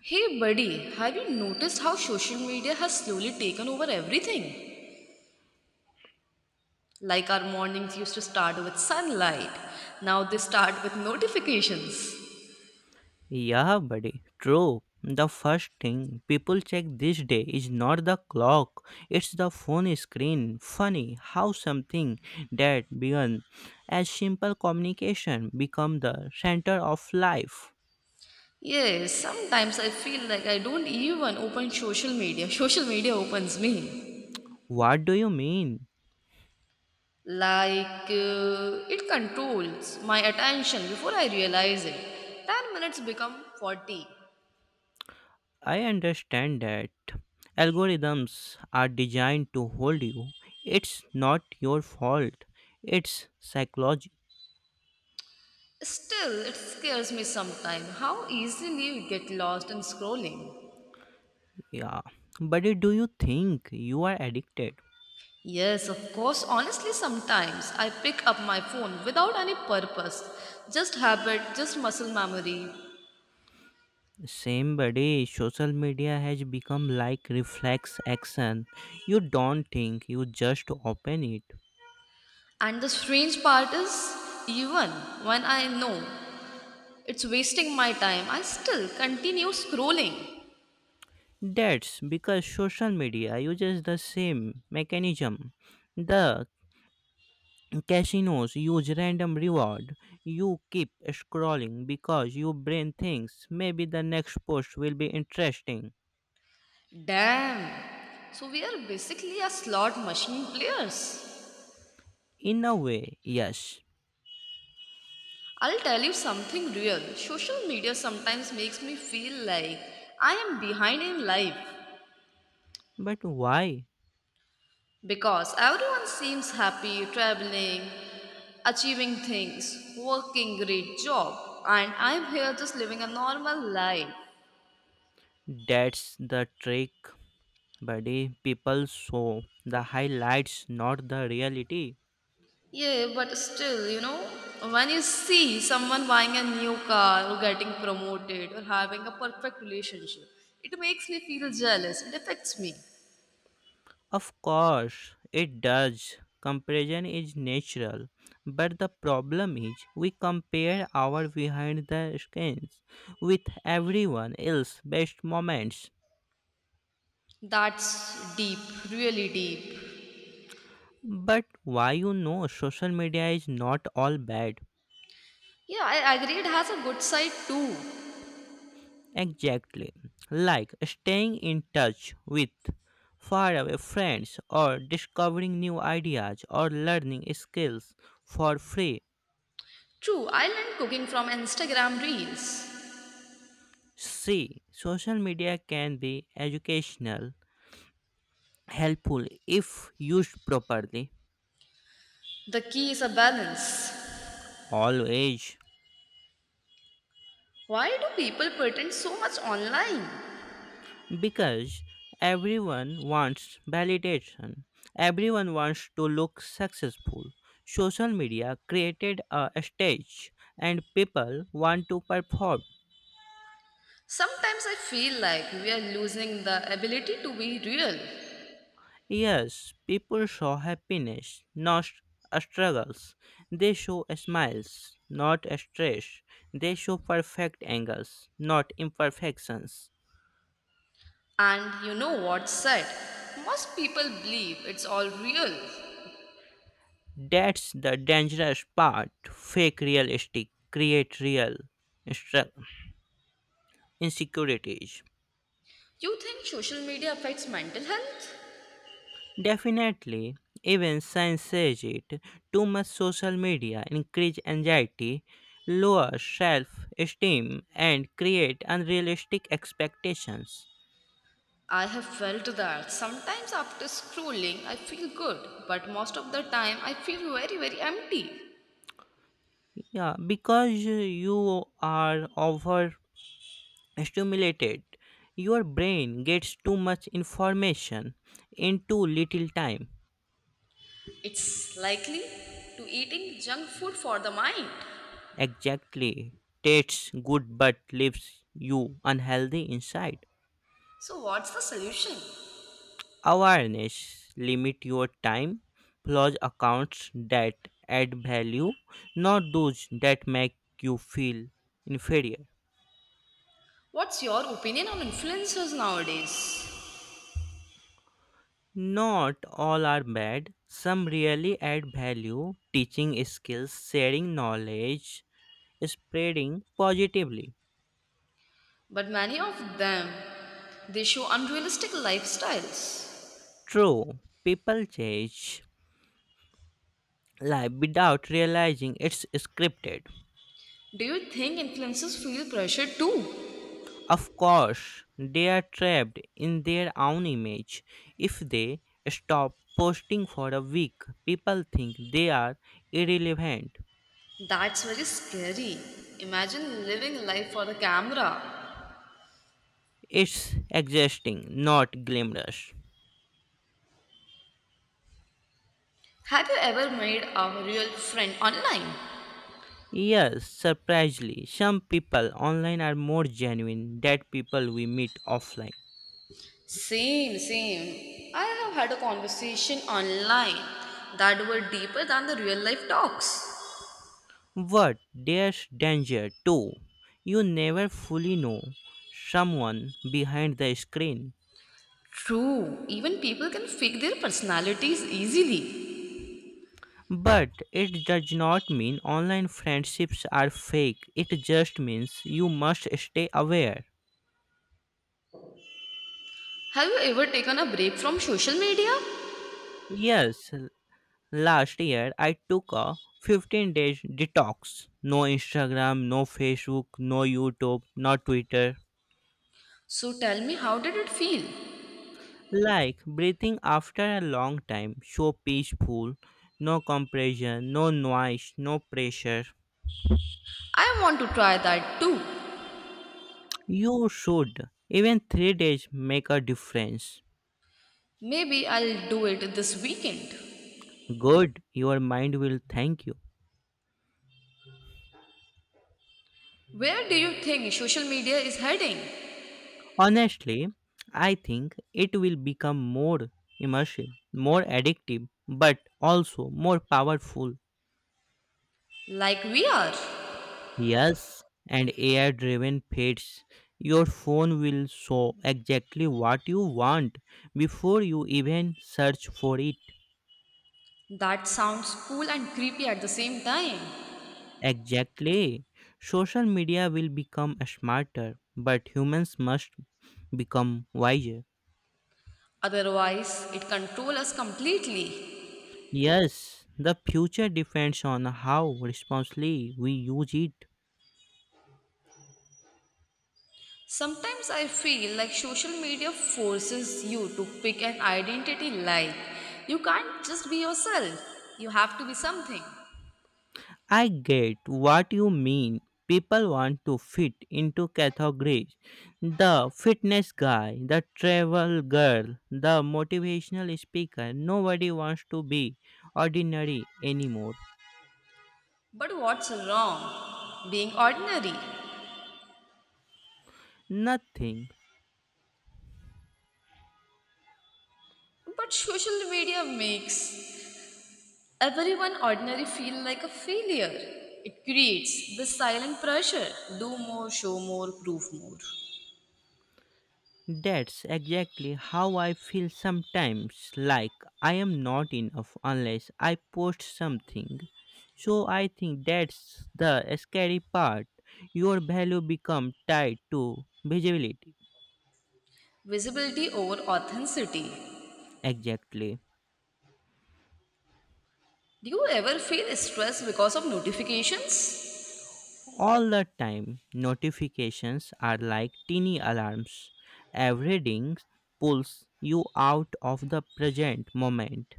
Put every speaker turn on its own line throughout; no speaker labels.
Hey buddy, have you noticed how social media has slowly taken over everything? Like our mornings used to start with sunlight, now they start with notifications.
Yeah, buddy. True. The first thing people check this day is not the clock, it's the phone screen. Funny how something that began as simple communication become the center of life.
Yes, sometimes I feel like I don't even open social media. Social media opens me.
What do you mean?
It controls my attention before I realize it. 10 minutes become 40.
I understand that algorithms are designed to hold you. It's not your fault. It's psychology.
Still, it scares me sometimes how easily you get lost in scrolling.
Yeah. But do you think you are addicted?
Yes, of course. Honestly, sometimes I pick up my phone without any purpose. Just habit, just muscle memory.
Same buddy, social media has become like reflex action. You don't think, you just open it.
And the strange part is, even when I know it's wasting my time, I still continue scrolling.
That's because social media uses the same mechanism. The casinos use random reward. You keep scrolling because your brain thinks maybe the next post will be interesting.
Damn. So we are basically a slot machine players.
In a way, yes.
I'll tell you something real. Social media sometimes makes me feel like I am behind in life
But why?
because everyone seems happy traveling achieving things, working great job, and I'm here just living a normal life.
That's the trick. Buddy. People show the highlights, not the reality.
Yeah, but still, you know, when you see someone buying a new car or getting promoted or having a perfect relationship, it makes me feel jealous. It affects me.
Of course, it does. Comparison is natural. But the problem is, we compare our behind the scenes with everyone else's best moments.
That's deep, really deep.
But why you know social media is not all bad?
Yeah, I agree it has a good side too.
Exactly. Like staying in touch with faraway friends or discovering new ideas or learning skills for free.
True, I learned cooking from Instagram Reels.
See, social media can be educational, helpful if used properly.
The key is a balance.
Always.
Why do people pretend so much online?
Because everyone wants validation, everyone wants to look successful. Social media created a stage and people want to perform.
Sometimes I feel like we are losing the ability to be real.
Yes, people show happiness, not a struggles. They show smiles, not a stress. They show perfect angles, not imperfections.
And you know what's sad? Most people believe it's all real.
That's the dangerous part. Fake realistic, create real stru- insecurities.
You think social media affects mental health?
Definitely, even science says it. Too much social media increase anxiety, lower self-esteem, and create unrealistic expectations.
I have felt that. Sometimes after scrolling, I feel good, but most of the time, I feel very, very empty.
Yeah, because you are overstimulated, your brain gets too much information in too little time.
It's likely to eating junk food for the mind.
Exactly. Tastes good but leaves you unhealthy inside.
So, what's the solution?
Awareness limit your time. Plus accounts that add value, not those that make you feel inferior.
What's your opinion on influencers nowadays?
Not all are bad. Some really add value, teaching skills, sharing knowledge, spreading positively.
But many of them, they show unrealistic lifestyles.
True, people change life without realizing it's scripted.
Do you think influencers feel pressure too?
Of course, they are trapped in their own image. If they stop posting for a week, people think they are irrelevant.
That's very scary. Imagine living life for the camera.
It's exhausting, not glamorous.
Have you ever made a real friend online?
Yes, surprisingly, some people online are more genuine than people we meet offline.
Same, same. I have had a conversation online that were deeper than the real life talks.
But there's danger too. You never fully know someone behind the screen.
True, even people can fake their personalities easily.
But it does not mean online friendships are fake, it just means you must stay aware.
Have you ever taken a break from social media?
Yes, last year I took a 15 days detox. No Instagram, no Facebook, no YouTube, no Twitter.
So tell me, how did it feel?
Like breathing after a long time, so peaceful, no compression, no noise, no pressure.
I want to try that too.
You should. Even 3 days make a difference.
Maybe I'll do it this weekend.
Good, your mind will thank you.
Where do you think social media is heading?
Honestly, I think it will become more immersive, more addictive, but also more powerful.
Like we are.
Yes, and AI driven feeds. Your phone will show exactly what you want before you even search for it.
That sounds cool and creepy at the same time.
Exactly. Social media will become smarter, but humans must become wiser.
Otherwise, it controls us completely.
Yes, the future depends on how responsibly we use it.
Sometimes I feel like social media forces you to pick an identity like you can't just be yourself. You have to be something.
I get what you mean. People want to fit into categories. The fitness guy, the travel girl, the motivational speaker. Nobody wants to be ordinary anymore.
But what's wrong? Being ordinary.
Nothing.
But social media makes everyone ordinary feel like a failure. It creates this silent pressure. Do more, show more, prove more.
That's exactly how I feel sometimes, like I am not enough unless I post something. So I think that's the scary part. Your value become tied to visibility.
Visibility over authenticity.
Exactly.
Do you ever feel stressed because of notifications?
All the time, notifications are like teeny alarms. Every ding pulls you out of the present moment.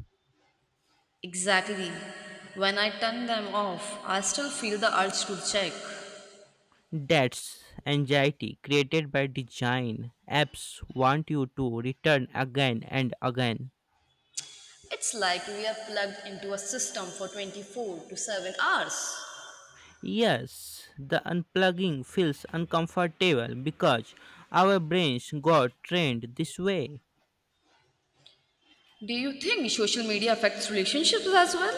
Exactly. When I turn them off, I still feel the urge to check.
That's anxiety created by design. Apps want you to return again and again.
It's like we are plugged into a system for 24 to 7 hours.
Yes, the unplugging feels uncomfortable because our brains got trained this way.
Do you think social media affects relationships as well?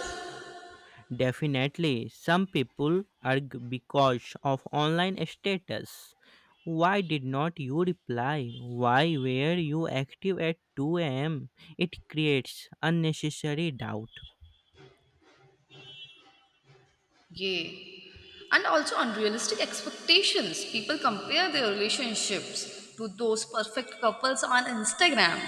Definitely, some people argue because of online status. Why did not you reply? Why were you active at 2 a.m.? It creates unnecessary doubt.
Yay. And also unrealistic expectations. People compare their relationships to those perfect couples on Instagram.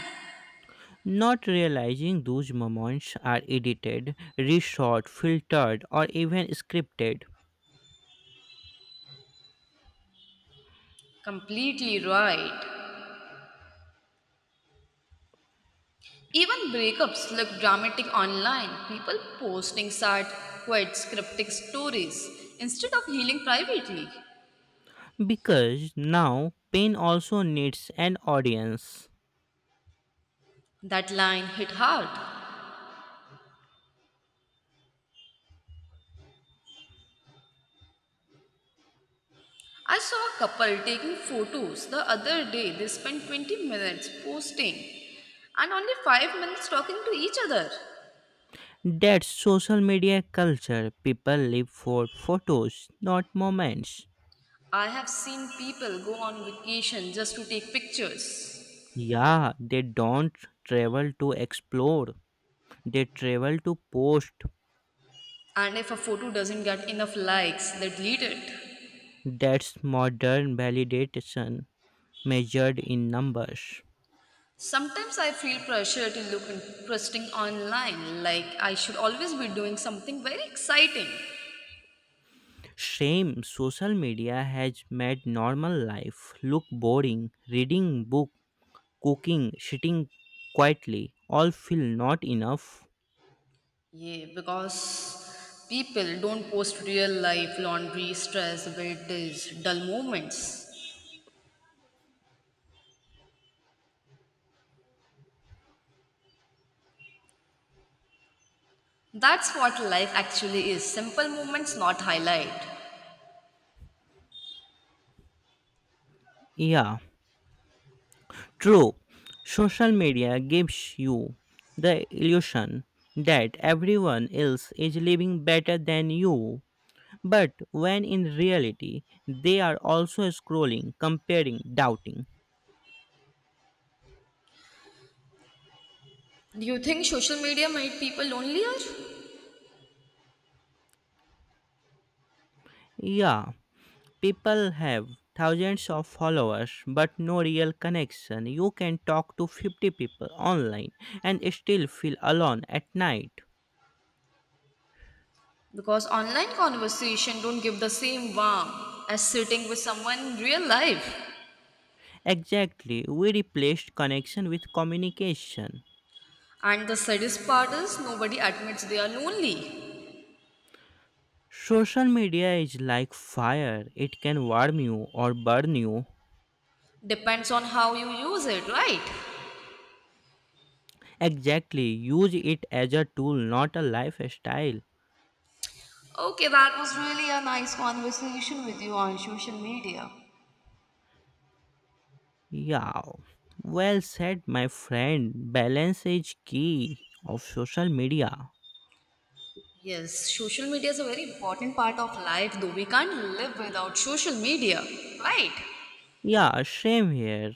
Not realizing those moments are edited, reshot, filtered, or even scripted.
Completely right. Even breakups look dramatic online. People posting sad, quite cryptic stories instead of healing privately.
Because now pain also needs an audience.
That line hit hard. I saw a couple taking photos the other day. They spent 20 minutes posting and only 5 minutes talking to each other.
That's social media culture. People live for photos, not moments.
I have seen people go on vacation just to take pictures.
Yeah, they don't travel to explore, they travel to post.
And if a photo doesn't get enough likes, they delete it.
That's modern validation measured in numbers.
Sometimes I feel pressure to look interesting online, like I should always be doing something very exciting.
Shame, social media has made normal life look boring. Reading book, cooking, sitting quietly all feel not enough.
Yeah, because people don't post real life laundry, stress, weightage, dull moments. That's what life actually is simple moments, not highlight.
Yeah, true. Social media gives you the illusion that everyone else is living better than you. But when in reality, they are also scrolling, comparing, doubting.
Do you think social media made people lonelier?
Yeah, people have thousands of followers but no real connection. You can talk to 50 people online and still feel alone at night.
Because online conversation don't give the same warmth as sitting with someone in real life.
Exactly, we replaced connection with communication.
And the saddest part is nobody admits they are lonely.
Social media is like fire, it can warm you or burn you.
Depends on how you use it, right?
Exactly, use it as a tool, not a lifestyle.
Okay, that was really a nice conversation with you on social media.
Yeah, well said, my friend. Balance is key of social media.
Yes, social media is a very important part of life, though we can't live without social media. Right.
Yeah, same here.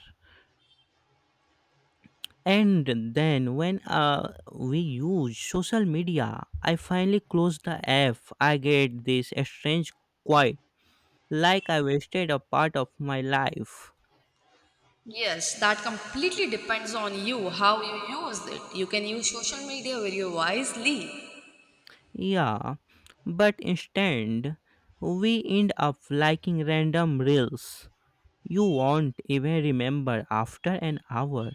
And then when we use social media, I finally close the app. I get this strange quiet, like I wasted a part of my life.
Yes, that completely depends on you, how you use it. You can use social media very wisely.
Yeah, but instead, we end up liking random reels. You won't even remember after an hour.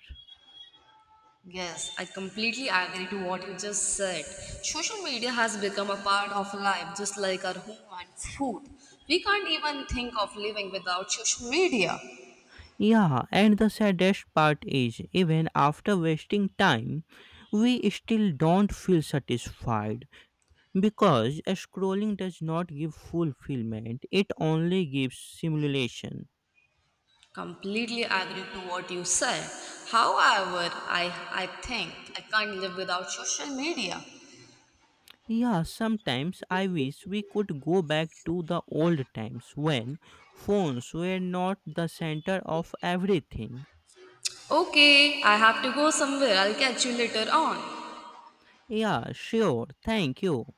Yes, I completely agree to what you just said. Social media has become a part of life, just like our home and food. We can't even think of living without social media.
Yeah, and the saddest part is even after wasting time, we still don't feel satisfied because scrolling does not give fulfillment, it only gives simulation.
Completely agree to what you said. However, I think I can't live without social media.
Yeah, sometimes I wish we could go back to the old times when phones were not the center of everything.
Okay, I have to go somewhere. I'll catch you later on.
Yeah, sure, thank you.